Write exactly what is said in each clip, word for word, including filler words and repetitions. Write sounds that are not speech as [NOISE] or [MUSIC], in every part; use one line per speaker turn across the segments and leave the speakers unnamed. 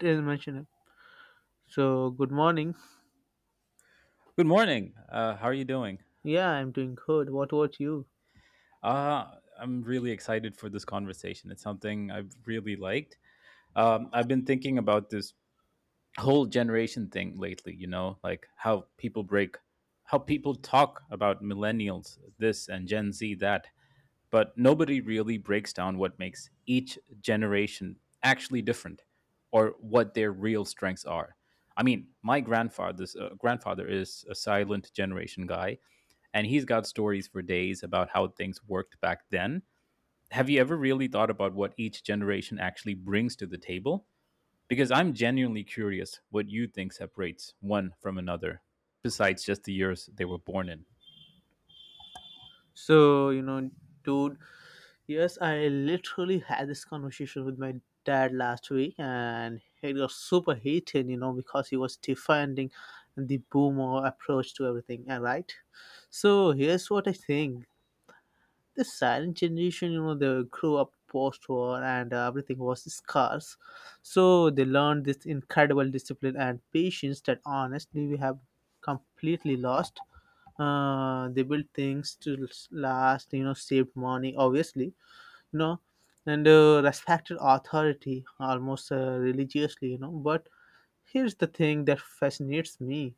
It is mentioned. So good morning.
Good morning. Uh, how are you doing?
Yeah, I'm doing good. What about you?
Uh, I'm really excited for this conversation. It's something I've really liked. Um, I've been thinking about this whole generation thing lately, you know, like how people break, how people talk about millennials, this and Gen Z, that, but nobody really breaks down what makes each generation actually different or what their real strengths are. I mean, my grandfather's uh, grandfather is a silent generation guy, and he's got stories for days about how things worked back then. Have you ever really thought about what each generation actually brings to the table? Because I'm genuinely curious what you think separates one from another, besides just the years they were born in.
So you know, dude. Yes, I literally had this conversation with my dad last week, and it got super heated. You know, because he was defending the boomer approach to everything. And right. So here's what I think. The silent generation, you know, they grew up post-war, and uh, everything was scarce, so they learned this incredible discipline and patience that honestly we have completely lost. Uh, they built things to last, you know, saved money, obviously, you know, and uh, respected authority almost uh, religiously, you know. But here's the thing that fascinates me.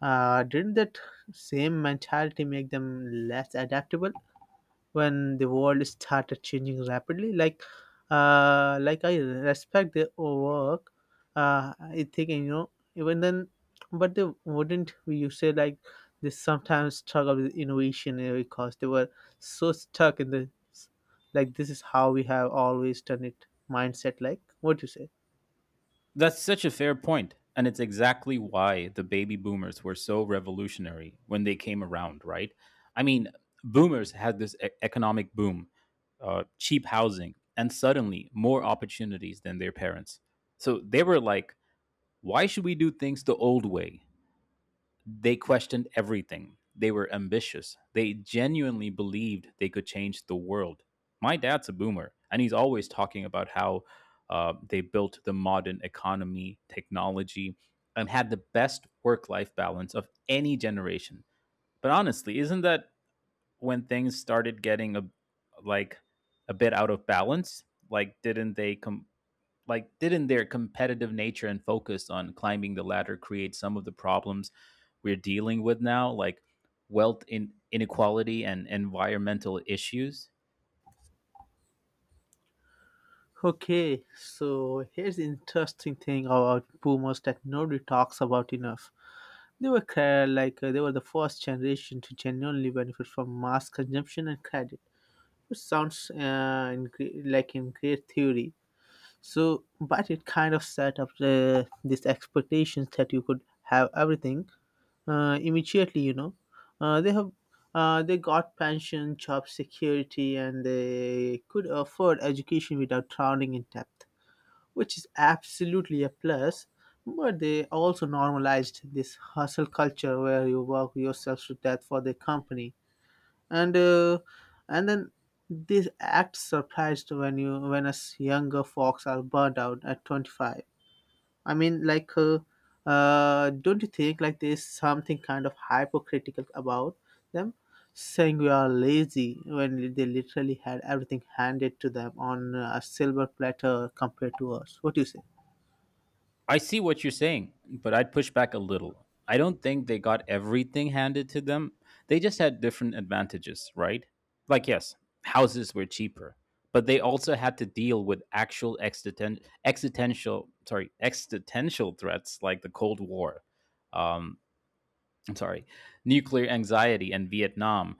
uh, Didn't that same mentality make them less adaptable when the world started changing rapidly? Like uh like I respect their work. uh I think, you know, even then, but they wouldn't, we you say, like they sometimes struggle with innovation, uh, because they were so stuck in the, like, this is how we have always done it mindset. Like, what you say?
That's such a fair point, and it's exactly why the baby boomers were so revolutionary when they came around, right? I mean, boomers had this e- economic boom, uh, cheap housing, and suddenly more opportunities than their parents. So they were like, why should we do things the old way? They questioned everything. They were ambitious. They genuinely believed they could change the world. My dad's a boomer, and he's always talking about how uh, they built the modern economy, technology, and had the best work life balance of any generation. But honestly, isn't that when things started getting a, like a bit out of balance? Like, didn't they com- like didn't their competitive nature and focus on climbing the ladder create some of the problems we're dealing with now, like wealth in inequality and environmental issues?
Okay, so here's the interesting thing about boomers that nobody talks about enough. They were cre- like uh, they were the first generation to genuinely benefit from mass consumption and credit, which sounds uh, in gre- like in great theory. So, but it kind of set up uh, these expectations that you could have everything uh, immediately. You know, uh, they have uh, they got pension, job security, and they could afford education without drowning in debt, which is absolutely a plus. But they also normalized this hustle culture where you work yourself to death for the company, and uh, and then this act surprised when you when us younger folks are burnt out at twenty-five. I mean, like, uh, uh, don't you think like there's something kind of hypocritical about them saying we are lazy when they literally had everything handed to them on a silver platter compared to us? What do you say?
I see what you're saying, but I'd push back a little. I don't think they got everything handed to them. They just had different advantages, right? Like yes, houses were cheaper, but they also had to deal with actual existen- existential sorry existential threats like the Cold War, um, I'm sorry, nuclear anxiety and Vietnam,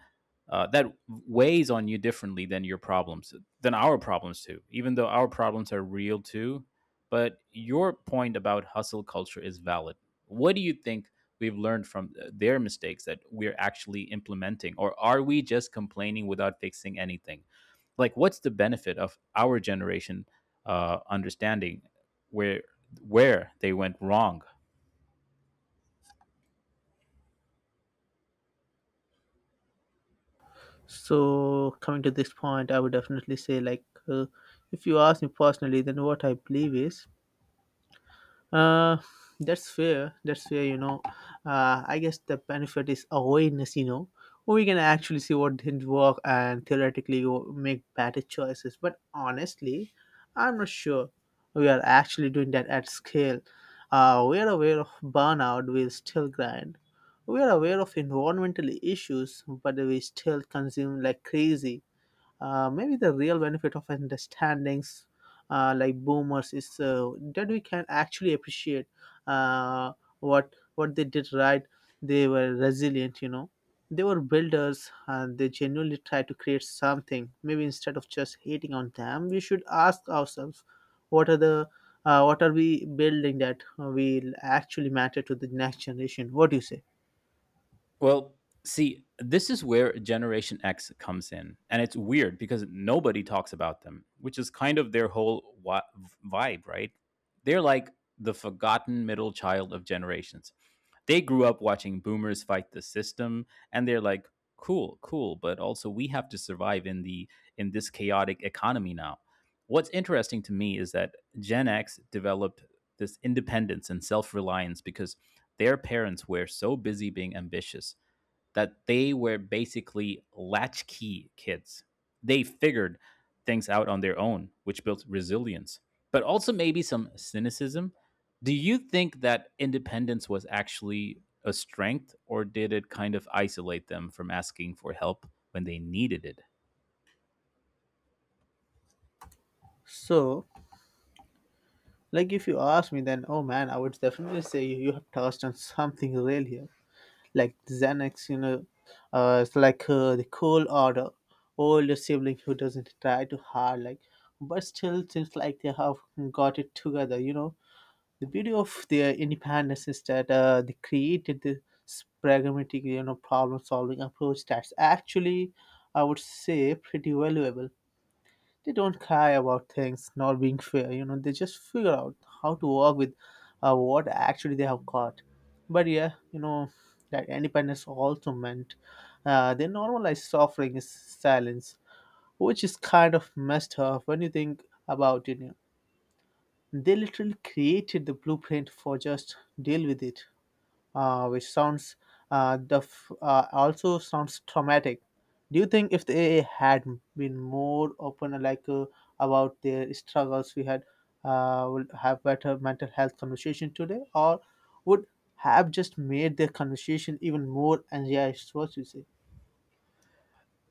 uh, that weighs on you differently than your problems, than our problems too. Even though our problems are real too, but your point about hustle culture is valid. What do you think we've learned from uh, their mistakes that we're actually implementing, or are we just complaining without fixing anything? Like, what's the benefit of our generation uh, understanding where where they went wrong?
So, coming to this point, I would definitely say, like, uh, if you ask me personally, then what I believe is, uh, that's fair. That's fair. You know, uh, I guess the benefit is awareness. You know, we can actually see what didn't work and theoretically go- make better choices. But honestly, I'm not sure we are actually doing that at scale. Uh, we are aware of burnout. We still grind. We are aware of environmental issues, but we still consume like crazy. Uh, maybe the real benefit of understandings, uh, like boomers, is uh, that we can actually appreciate uh, what what they did right. They were resilient, you know. They were builders, and they genuinely tried to create something. Maybe instead of just hating on them, we should ask ourselves, what are the uh, what are we building that will actually matter to the next generation? What do you say?
Well, see, this is where Generation X comes in. And it's weird because nobody talks about them, which is kind of their whole wi- vibe, right? They're like the forgotten middle child of generations. They grew up watching boomers fight the system and they're like, "Cool, cool, but also we have to survive in the in this chaotic economy now." What's interesting to me is that Gen X developed this independence and self-reliance because their parents were so busy being ambitious that they were basically latchkey kids. They figured things out on their own, which built resilience, but also maybe some cynicism. Do you think that independence was actually a strength, or did it kind of isolate them from asking for help when they needed it?
So, like if you ask me, then, oh man, I would definitely say you, you have touched on something real here, like Xanax. You know, uh, it's like uh, the cool order, older sibling who doesn't try too hard, like, but still seems like they have got it together. You know, the beauty of their independence is that uh, they created this pragmatic, you know, problem-solving approach that's actually, I would say, pretty valuable. They don't cry about things not being fair, you know. They just figure out how to work with uh, what actually they have got. But yeah, you know, that independence also meant uh, they normalized suffering is silence, which is kind of messed up when you think about it, you know. They literally created the blueprint for just deal with it, uh, which sounds uh, the f- uh, also sounds traumatic. Do you think if they had been more open, like uh, about their struggles, we had, uh, would have better mental health conversation today, or would have just made their conversation even more anxious? What you say?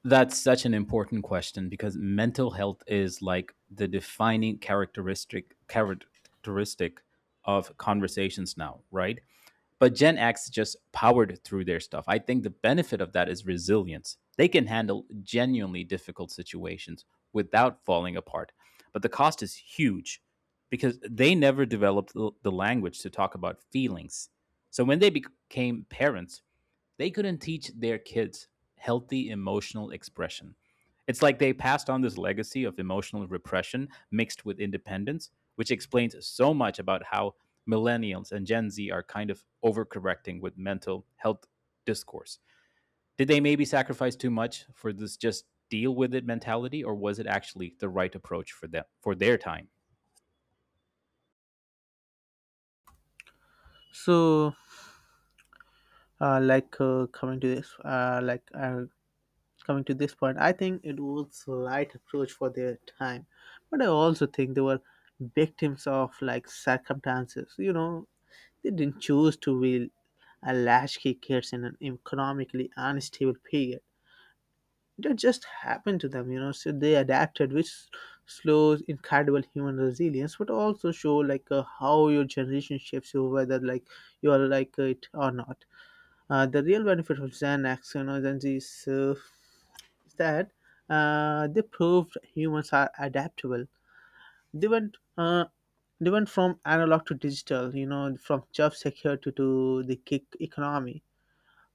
That's such an important question because mental health is like the defining characteristic characteristic of conversations now, right? But Gen X just powered through their stuff. I think the benefit of that is resilience. They can handle genuinely difficult situations without falling apart. But the cost is huge because they never developed the language to talk about feelings. So when they became parents, they couldn't teach their kids healthy emotional expression. It's like they passed on this legacy of emotional repression mixed with independence, which explains so much about how millennials and Gen Z are kind of overcorrecting with mental health discourse. Did they maybe sacrifice too much for this just deal with it mentality, or was it actually the right approach for them for their time?
So, uh, like uh, coming to this, uh, like uh, coming to this point, I think it was right approach for their time, but I also think they were victims of like circumstances. You know, they didn't choose to be a latchkey kids in an economically unstable period. That just happened to them, you know. So they adapted, which slows incredible human resilience, but also show like uh, how your generation shapes you, whether like you are like it or not. Uh, the real benefit of Gen X, you know, Gen Z, is. Uh, is That, uh, they proved humans are adaptable. They went, uh, they went from analog to digital. You know, from job security to the gig economy,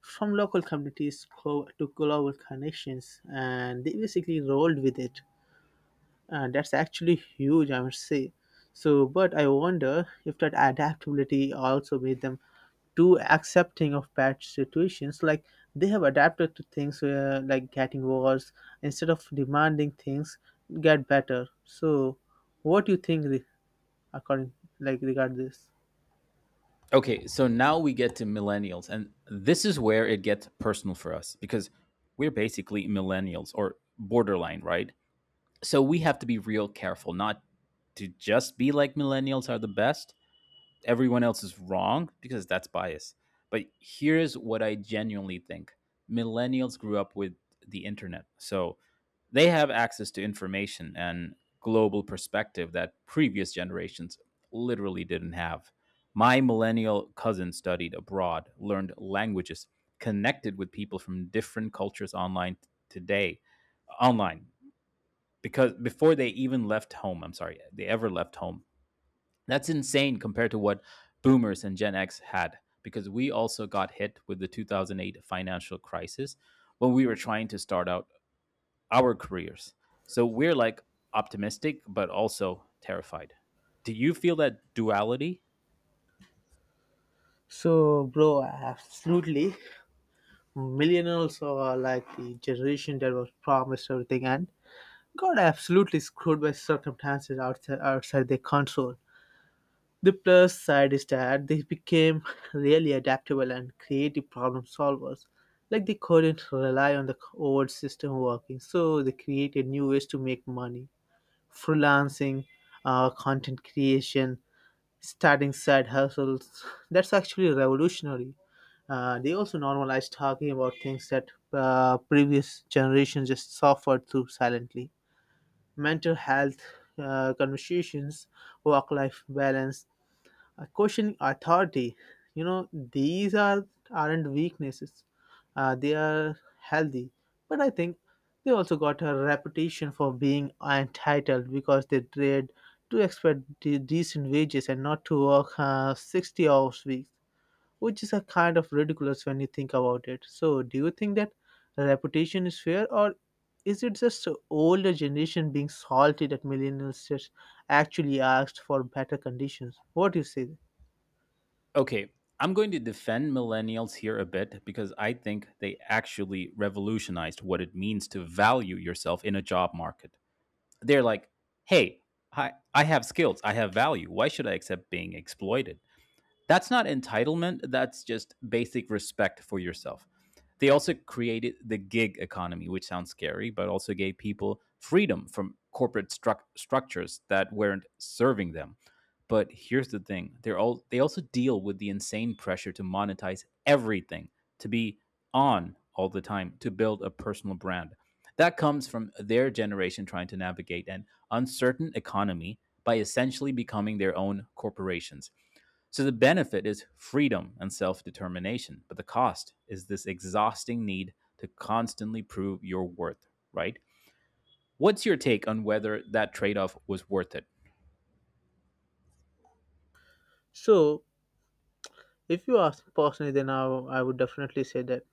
from local communities co- to global connections, and they basically rolled with it. And that's actually huge, I must say. So, but I wonder if that adaptability also made them too accepting of bad situations, like they have adapted to things uh, like getting worse instead of demanding things get better. So what do you think, re- according like regard this?
Okay, so now we get to millennials, and this is where it gets personal for us because we're basically millennials or borderline, right? So we have to be real careful not to just be like millennials are the best, everyone else is wrong, because that's bias. But here's what I genuinely think. Millennials grew up with the internet. So they have access to information and global perspective that previous generations literally didn't have. My millennial cousin studied abroad, learned languages, connected with people from different cultures online today, online because before they even left home, I'm sorry, they ever left home, that's insane compared to what boomers and Gen X had, because we also got hit with the two thousand eight financial crisis when we were trying to start out our careers. So we're like optimistic, but also terrified. Do you feel that duality?
So, bro, absolutely, millennials are like the generation that was promised everything and got absolutely screwed by circumstances outside outside their control. The plus side is that they became [LAUGHS] really adaptable and creative problem solvers. Like they couldn't rely on the old system working, so they created new ways to make money. Freelancing, uh, content creation, starting side hustles. [LAUGHS] That's actually revolutionary. Uh, they also normalized talking about things that uh, previous generations just suffered through silently. Mental health uh, conversations, work life balance, uh, questioning authority, you know. These are aren't weaknesses. Uh, they are healthy. But I think they also got a reputation for being entitled because they trade to expect de- decent wages and not to work uh, sixty hours weeks, which is a kind of ridiculous when you think about it. So do you think that reputation is fair, or is it just the older generation being salty that millennials just actually asked for better conditions? What do you say?
Okay, I'm going to defend millennials here a bit because I think they actually revolutionized what it means to value yourself in a job market. They're like, hey, I, I have skills, I have value. Why should I accept being exploited? That's not entitlement, that's just basic respect for yourself. They also created the gig economy, which sounds scary, but also gave people freedom from corporate struc structures that weren't serving them. But here's the thing: they're all they also deal with the insane pressure to monetize everything, to be on all the time, to build a personal brand. That comes from their generation trying to navigate an uncertain economy by essentially becoming their own corporations. So the benefit is freedom and self determination, but the cost is this exhausting need to constantly prove your worth, right? What's your take on whether that trade off was worth it?
So, if you ask me personally, then I I would definitely say that,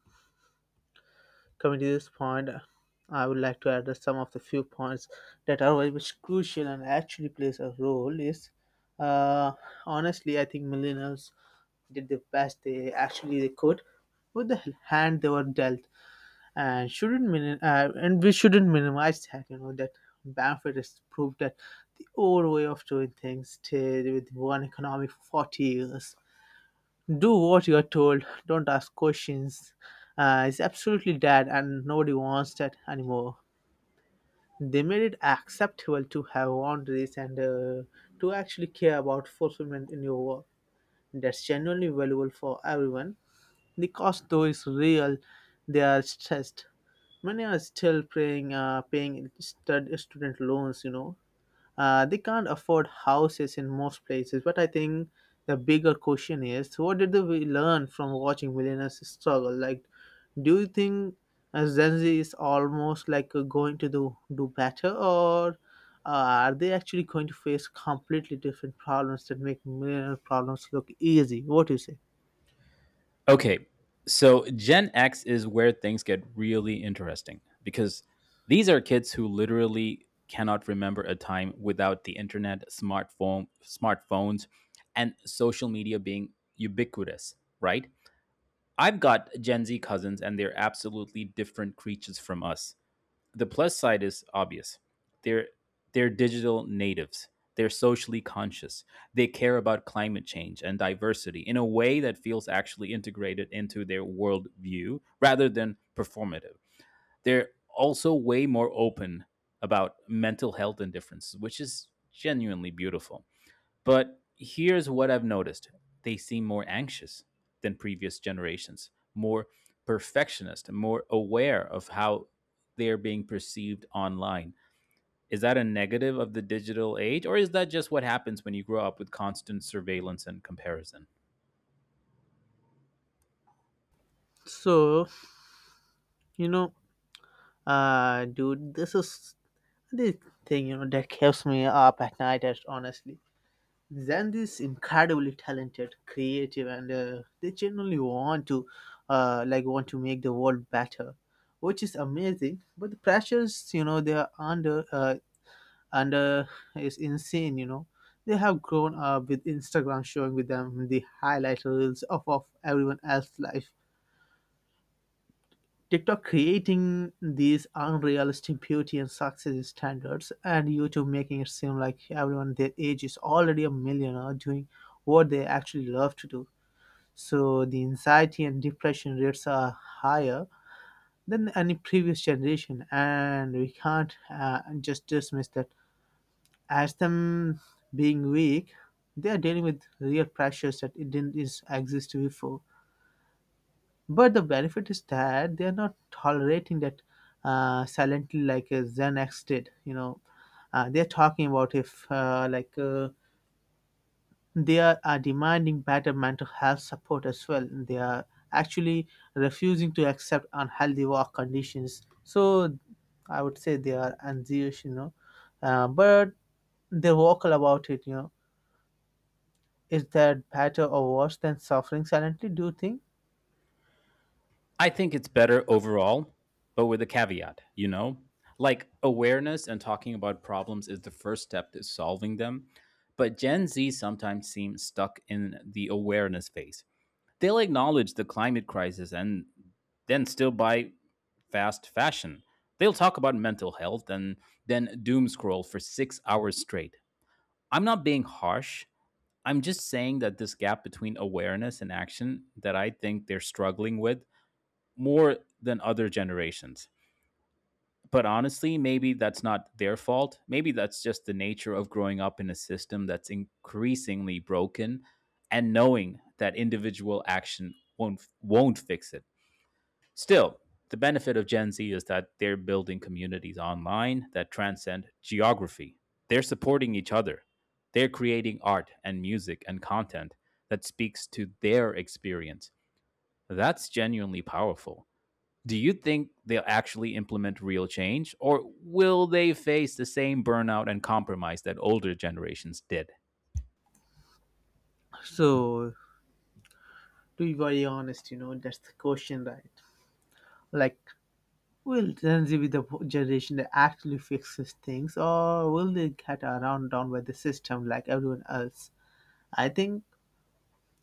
coming to this point, I would like to address some of the few points that are very much crucial and actually plays a role. Is uh, honestly, I think millennials did the best they actually they could with the hand they were dealt, and shouldn't minim- uh, and we shouldn't minimize that. You know that Bamford has proved that the old way of doing things stayed with one economy for forty years. Do what you're told, don't ask questions. Uh, it's absolutely dead, and nobody wants that anymore. They made it acceptable to have boundaries and uh, to actually care about fulfillment in your work. That's genuinely valuable for everyone. The cost, though, is real. They are stressed. Many are still paying, uh, paying stud- student loans, you know, uh, they can't afford houses in most places. But I think the bigger question is, what did we learn from watching millionaires struggle? Like, do you think uh, Gen Z is almost like uh, going to do, do better, or uh, are they actually going to face completely different problems that make millionaire problems look easy? What do you say?
Okay, so Gen X is where things get really interesting because these are kids who literally cannot remember a time without the internet, smartphone, smartphones, and social media being ubiquitous, right? I've got Gen Z cousins, and they're absolutely different creatures from us. The plus side is obvious. They're they're digital natives. They're socially conscious. They care about climate change and diversity in a way that feels actually integrated into their worldview rather than performative. They're also way more open about mental health and differences, which is genuinely beautiful. But here's what I've noticed: they seem more anxious than previous generations, more perfectionist, and more aware of how they are being perceived online. Is that a negative of the digital age, or is that just what happens when you grow up with constant surveillance and comparison?
So, you know, uh, dude, this is the thing, you know, that keeps me up at night, as- honestly. Zand is incredibly talented, creative, and uh, they genuinely want to, uh, like, want to make the world better, which is amazing. But the pressures, you know, they are under, uh, under is insane. You know, they have grown up with Instagram showing with them the highlight reels of of everyone else's life. TikTok creating these unrealistic beauty and success standards, and YouTube making it seem like everyone their age is already a millionaire doing what they actually love to do. So the anxiety and depression rates are higher than any previous generation, and we can't uh, just dismiss that as them being weak. They are dealing with real pressures that it didn't is- exist before. But the benefit is that they are not tolerating that uh, silently, like uh, Xanax did. You know, uh, they are talking about if uh, like uh, they are, are demanding better mental health support as well. They are actually refusing to accept unhealthy work conditions. So I would say they are anxious. You know, uh, but they're vocal about it. You know, is that better or worse than suffering silently? Do you think?
I think it's better overall, but with a caveat, you know? Like awareness and talking about problems is the first step to solving them. But Gen Z sometimes seems stuck in the awareness phase. They'll acknowledge the climate crisis and then still buy fast fashion. They'll talk about mental health and then doom scroll for six hours straight. I'm not being harsh. I'm just saying that this gap between awareness and action that I think they're struggling with more than other generations. But honestly, maybe that's not their fault. Maybe that's just the nature of growing up in a system that's increasingly broken and knowing that individual action won't won't fix it. Still, the benefit of Gen Z is that they're building communities online that transcend geography. They're supporting each other. They're creating art and music and content that speaks to their experience. That's genuinely powerful. Do you think they'll actually implement real change, or will they face the same burnout and compromise that older generations did?
So, to be very honest, you know, that's the question, right? Like, will Gen Z be the generation that actually fixes things, or will they get around down by the system like everyone else? I think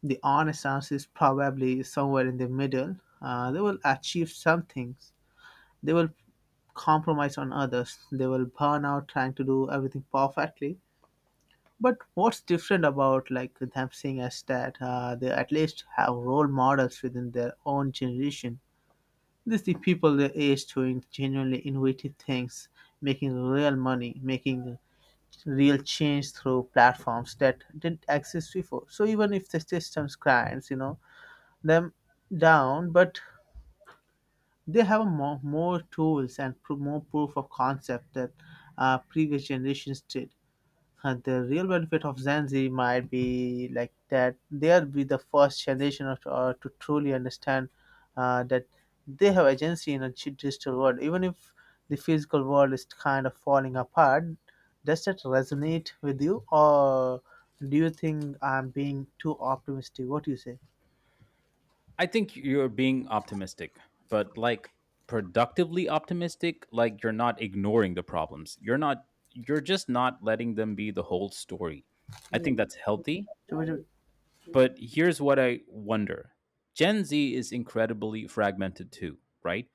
the honest answer is probably somewhere in the middle. Uh, they will achieve some things. They will compromise on others. They will burn out trying to do everything perfectly. But what's different about like them saying is that uh, they at least have role models within their own generation. They see people their age doing genuinely innovative things, making real money, making real change through platforms that didn't exist before. So even if the systems grinds, you know, them down, but they have more, more tools and pro- more proof of concept that uh, previous generations did. And the real benefit of Gen Z might be like that they'll be the first generation of, uh, to truly understand uh, that they have agency in a g- digital world. Even if the physical world is kind of falling apart, does that resonate with you, or do you think I'm being too optimistic? What do you say?
I think you're being optimistic, but like productively optimistic, like you're not ignoring the problems. You're not you're just not letting them be the whole story. I think that's healthy,
So, what do you-
but here's what I wonder. Gen Z is incredibly fragmented too, right?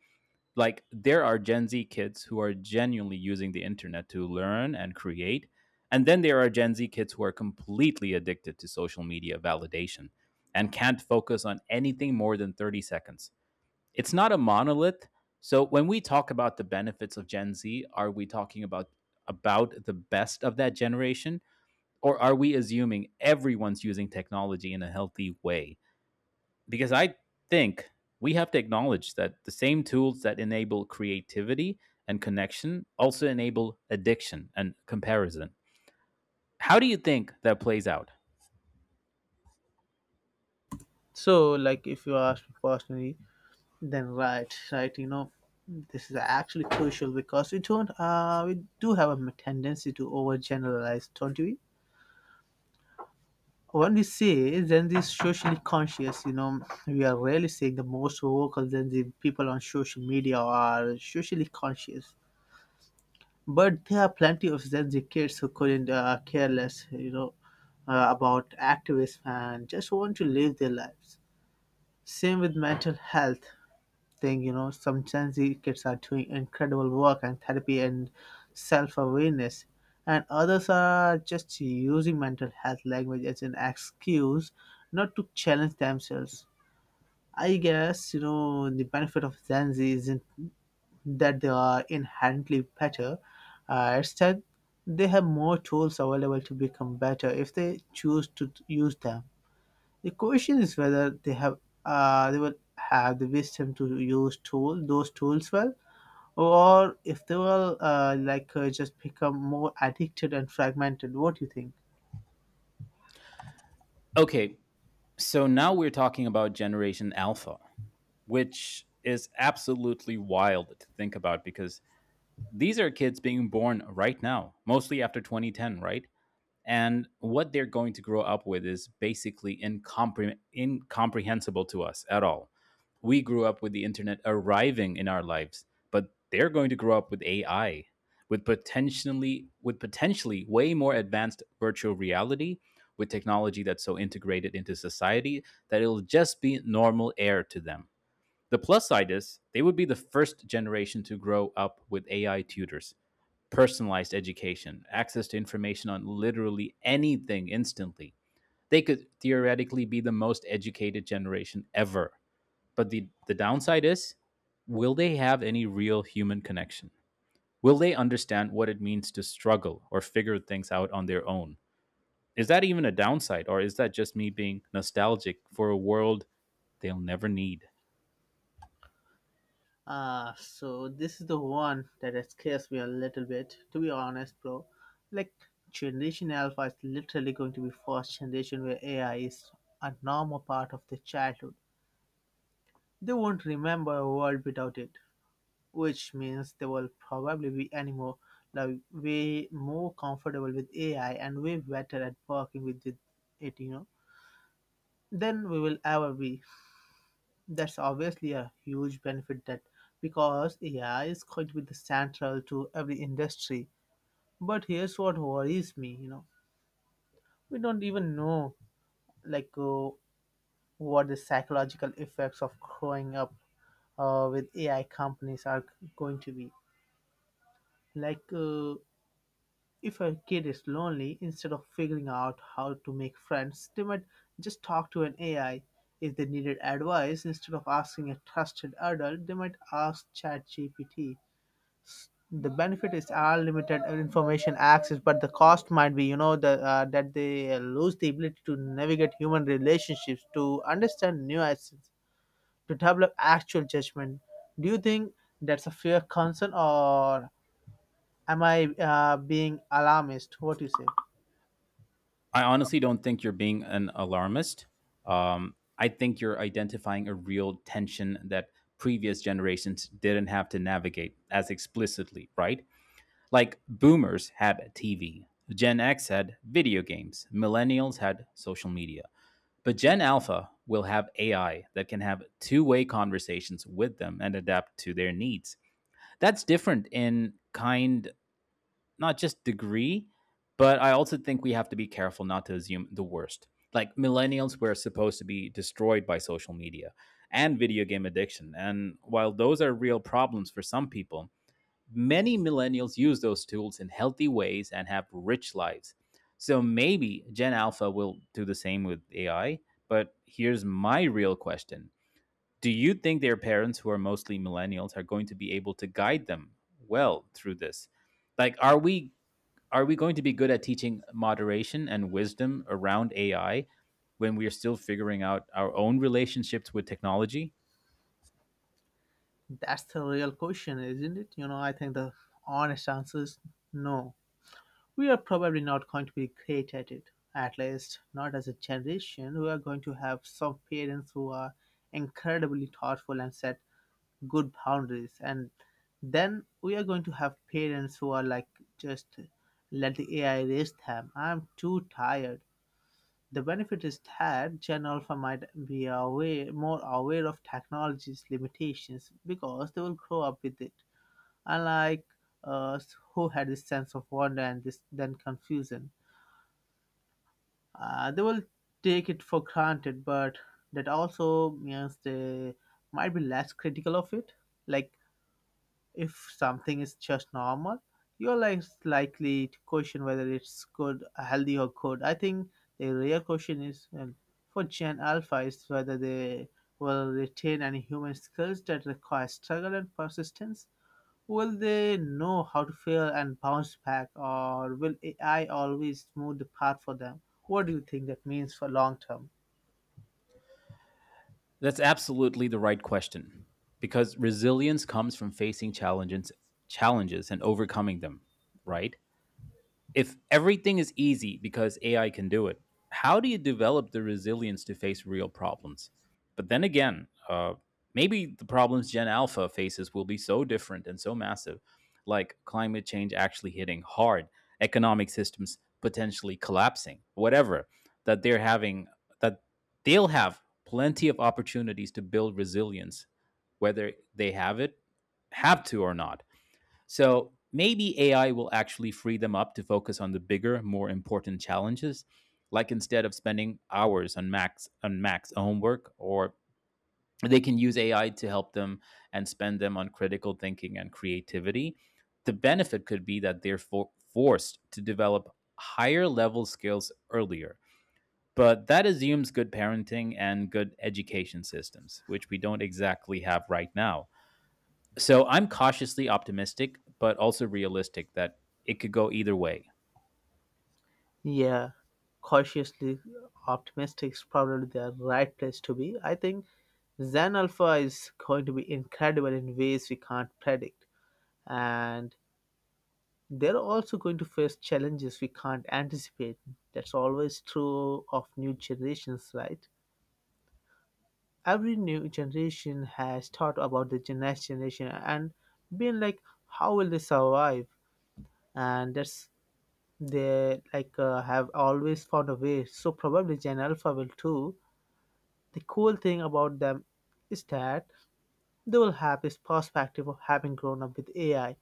Like there are Gen Z kids who are genuinely using the internet to learn and create, and then there are Gen Z kids who are completely addicted to social media validation and can't focus on anything more than thirty seconds. It's not a monolith. So when we talk about the benefits of Gen Z, are we talking about about the best of that generation, or are we assuming everyone's using technology in a healthy way? Because I think we have to acknowledge that the same tools that enable creativity and connection also enable addiction and comparison. How do you think that plays out?
so, like, if you ask me personally, then right, right, you know, this is actually crucial because we don't, uh, we do have a tendency to overgeneralize, don't we? When we say Gen Z is socially conscious, you know, we are rarely saying the most vocal Gen Z people on social media are socially conscious. But there are plenty of Gen Z kids who couldn't uh, care less, you know, uh, about activism and just want to live their lives. Same with mental health thing, you know, some Gen Z kids are doing incredible work and therapy and self-awareness, and others are just using mental health language as an excuse not to challenge themselves. I guess, you know, the benefit of Gen Z isn't that they are inherently better. Uh, instead, they have more tools available to become better if they choose to t- use them. The question is whether they have uh, they will have the wisdom to use tool those tools well, or if they will uh, like uh, just become more addicted and fragmented. What do you think?
Okay, so now we're talking about Generation Alpha, which is absolutely wild to think about because these are kids being born right now, mostly after twenty ten, right? And what they're going to grow up with is basically incompre- incomprehensible to us at all. We grew up with the internet arriving in our lives, but they're going to grow up with A I, with potentially with potentially way more advanced virtual reality, with technology that's so integrated into society that it'll just be normal air to them. The plus side is they would be the first generation to grow up with A I tutors, personalized education, access to information on literally anything instantly. They could theoretically be the most educated generation ever. But the, the downside is, will they have any real human connection? Will they understand what it means to struggle or figure things out on their own? Is that even a downside, or is that just me being nostalgic for a world they'll never need?
Ah, so this is the one that has scares me a little bit, to be honest, bro. Like Generation Alpha is literally going to be first generation where A I is a normal part of their childhood. They won't remember a world without it, which means they will probably be anymore like way more comfortable with A I and way better at working with it, it, you know, than we will ever be. That's obviously a huge benefit that because A I is going to be the central to every industry. But here's what worries me, you know, we don't even know like uh, what the psychological effects of growing up uh, with A I companies are going to be. Like uh, If a kid is lonely, instead of figuring out how to make friends, they might just talk to an A I. If they needed advice, instead of asking a trusted adult, they might ask ChatGPT. The benefit is unlimited information access, but the cost might be, you know, the, uh, that they lose the ability to navigate human relationships, to understand nuances, to develop actual judgment. Do you think that's a fair concern, or am I uh, being alarmist? What do you say?
I honestly don't think you're being an alarmist. Um, I think you're identifying a real tension that previous generations didn't have to navigate as explicitly, right? Like boomers had T V, Gen X had video games, millennials had social media. But Gen Alpha will have A I that can have two way conversations with them and adapt to their needs. That's different in kind, not just degree, but I also think we have to be careful not to assume the worst. Like millennials were supposed to be destroyed by social media and video game addiction. And while those are real problems for some people, many millennials use those tools in healthy ways and have rich lives. So maybe Gen Alpha will do the same with A I. But here's my real question. Do you think their parents, who are mostly millennials, are going to be able to guide them well through this? Like, are we, are we going to be good at teaching moderation and wisdom around A I when we are still figuring out our own relationships with technology?
That's the real question, isn't it? You know, I think the honest answer is no. We are probably not going to be great at it. At least, not as a generation. We are going to have some parents who are incredibly thoughtful and set good boundaries. And then we are going to have parents who are like, just let the A I raise them. I'm too tired. The benefit is that Gen Alpha might be aware, more aware of technology's limitations because they will grow up with it. I like uh, who had this sense of wonder and this then confusion. Uh, they will take it for granted, but that also means they might be less critical of it. Like if something is just normal, you're less likely to question whether it's good, healthy, or good. I think the real question is uh, for Gen Alpha is whether they will retain any human skills that require struggle and persistence. Will they know how to fail and bounce back, or will A I always smooth the path for them? What do you think that means for long term?
That's absolutely the right question, because resilience comes from facing challenges challenges and overcoming them, right? If everything is easy because A I can do it, how do you develop the resilience to face real problems? But then again, uh, maybe the problems Gen Alpha faces will be so different and so massive, like climate change actually hitting hard, economic systems potentially collapsing, whatever, that they're having, that they'll have plenty of opportunities to build resilience, whether they have it, have to or not. So maybe A I will actually free them up to focus on the bigger, more important challenges. Like instead of spending hours on Max on Max homework, or they can use A I to help them, and spend them on critical thinking and creativity. The benefit could be that they're for- forced to develop higher level skills earlier. But that assumes good parenting and good education systems, which we don't exactly have right now. So I'm cautiously optimistic, but also realistic that it could go either way.
Yeah, cautiously optimistic is probably the right place to be. I think Zen Alpha is going to be incredible in ways we can't predict, and they're also going to face challenges we can't anticipate. That's always true of new generations, right? Every new generation has thought about the next generation and been like how will they survive, and that's they like uh, have always found a way, so probably Gen Alpha will too. The cool thing about them is that they will have this perspective of having grown up with A I,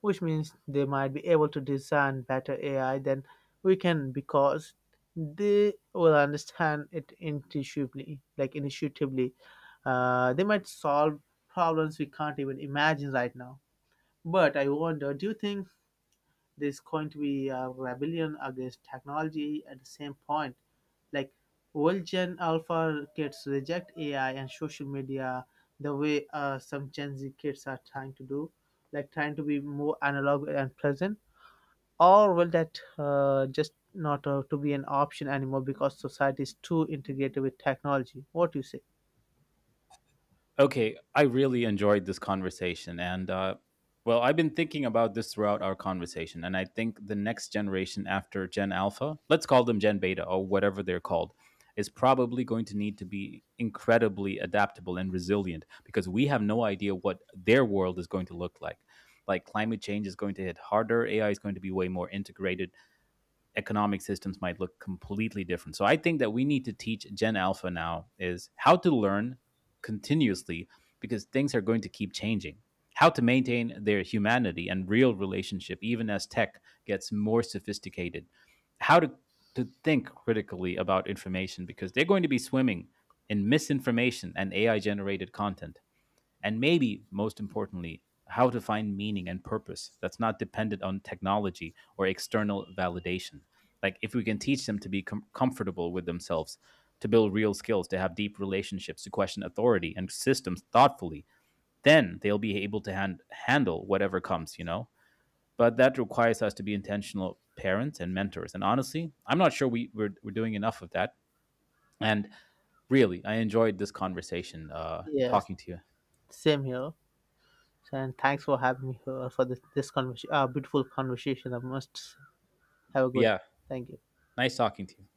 which means they might be able to design better A I than we can because they will understand it intuitively, like intuitively. Uh, they might solve problems we can't even imagine right now. But I wonder, do you think there's going to be a rebellion against technology at the same point. Like old Gen Alpha kids reject A I and social media the way uh, some Gen Z kids are trying to do, like trying to be more analog and present. Or will that uh, just not uh, to be an option anymore because society is too integrated with technology? What do you say?
Okay, I really enjoyed this conversation. And, uh, well, I've been thinking about this throughout our conversation. And I think the next generation after Gen Alpha, let's call them Gen Beta or whatever they're called, is probably going to need to be incredibly adaptable and resilient because we have no idea what their world is going to look like. Like climate change is going to hit harder, A I is going to be way more integrated, economic systems might look completely different. So I think that we need to teach Gen Alpha now is how to learn continuously, because things are going to keep changing. How to maintain their humanity and real relationship even as tech gets more sophisticated. How to to think critically about information, because they're going to be swimming in misinformation and A I generated content, and maybe most importantly, how to find meaning and purpose that's not dependent on technology or external validation. Like, if we can teach them to be com- comfortable with themselves, to build real skills, to have deep relationships, to question authority and systems thoughtfully, then they'll be able to hand- handle whatever comes, you know? But that requires us to be intentional parents and mentors. And honestly, I'm not sure we, we're, we're doing enough of that. And really, I enjoyed this conversation uh,
Yes,
talking to you.
same here. And thanks for having me here for this, this conversation, uh, beautiful conversation. I must have a good.
Yeah,
Thank you.
nice talking to you.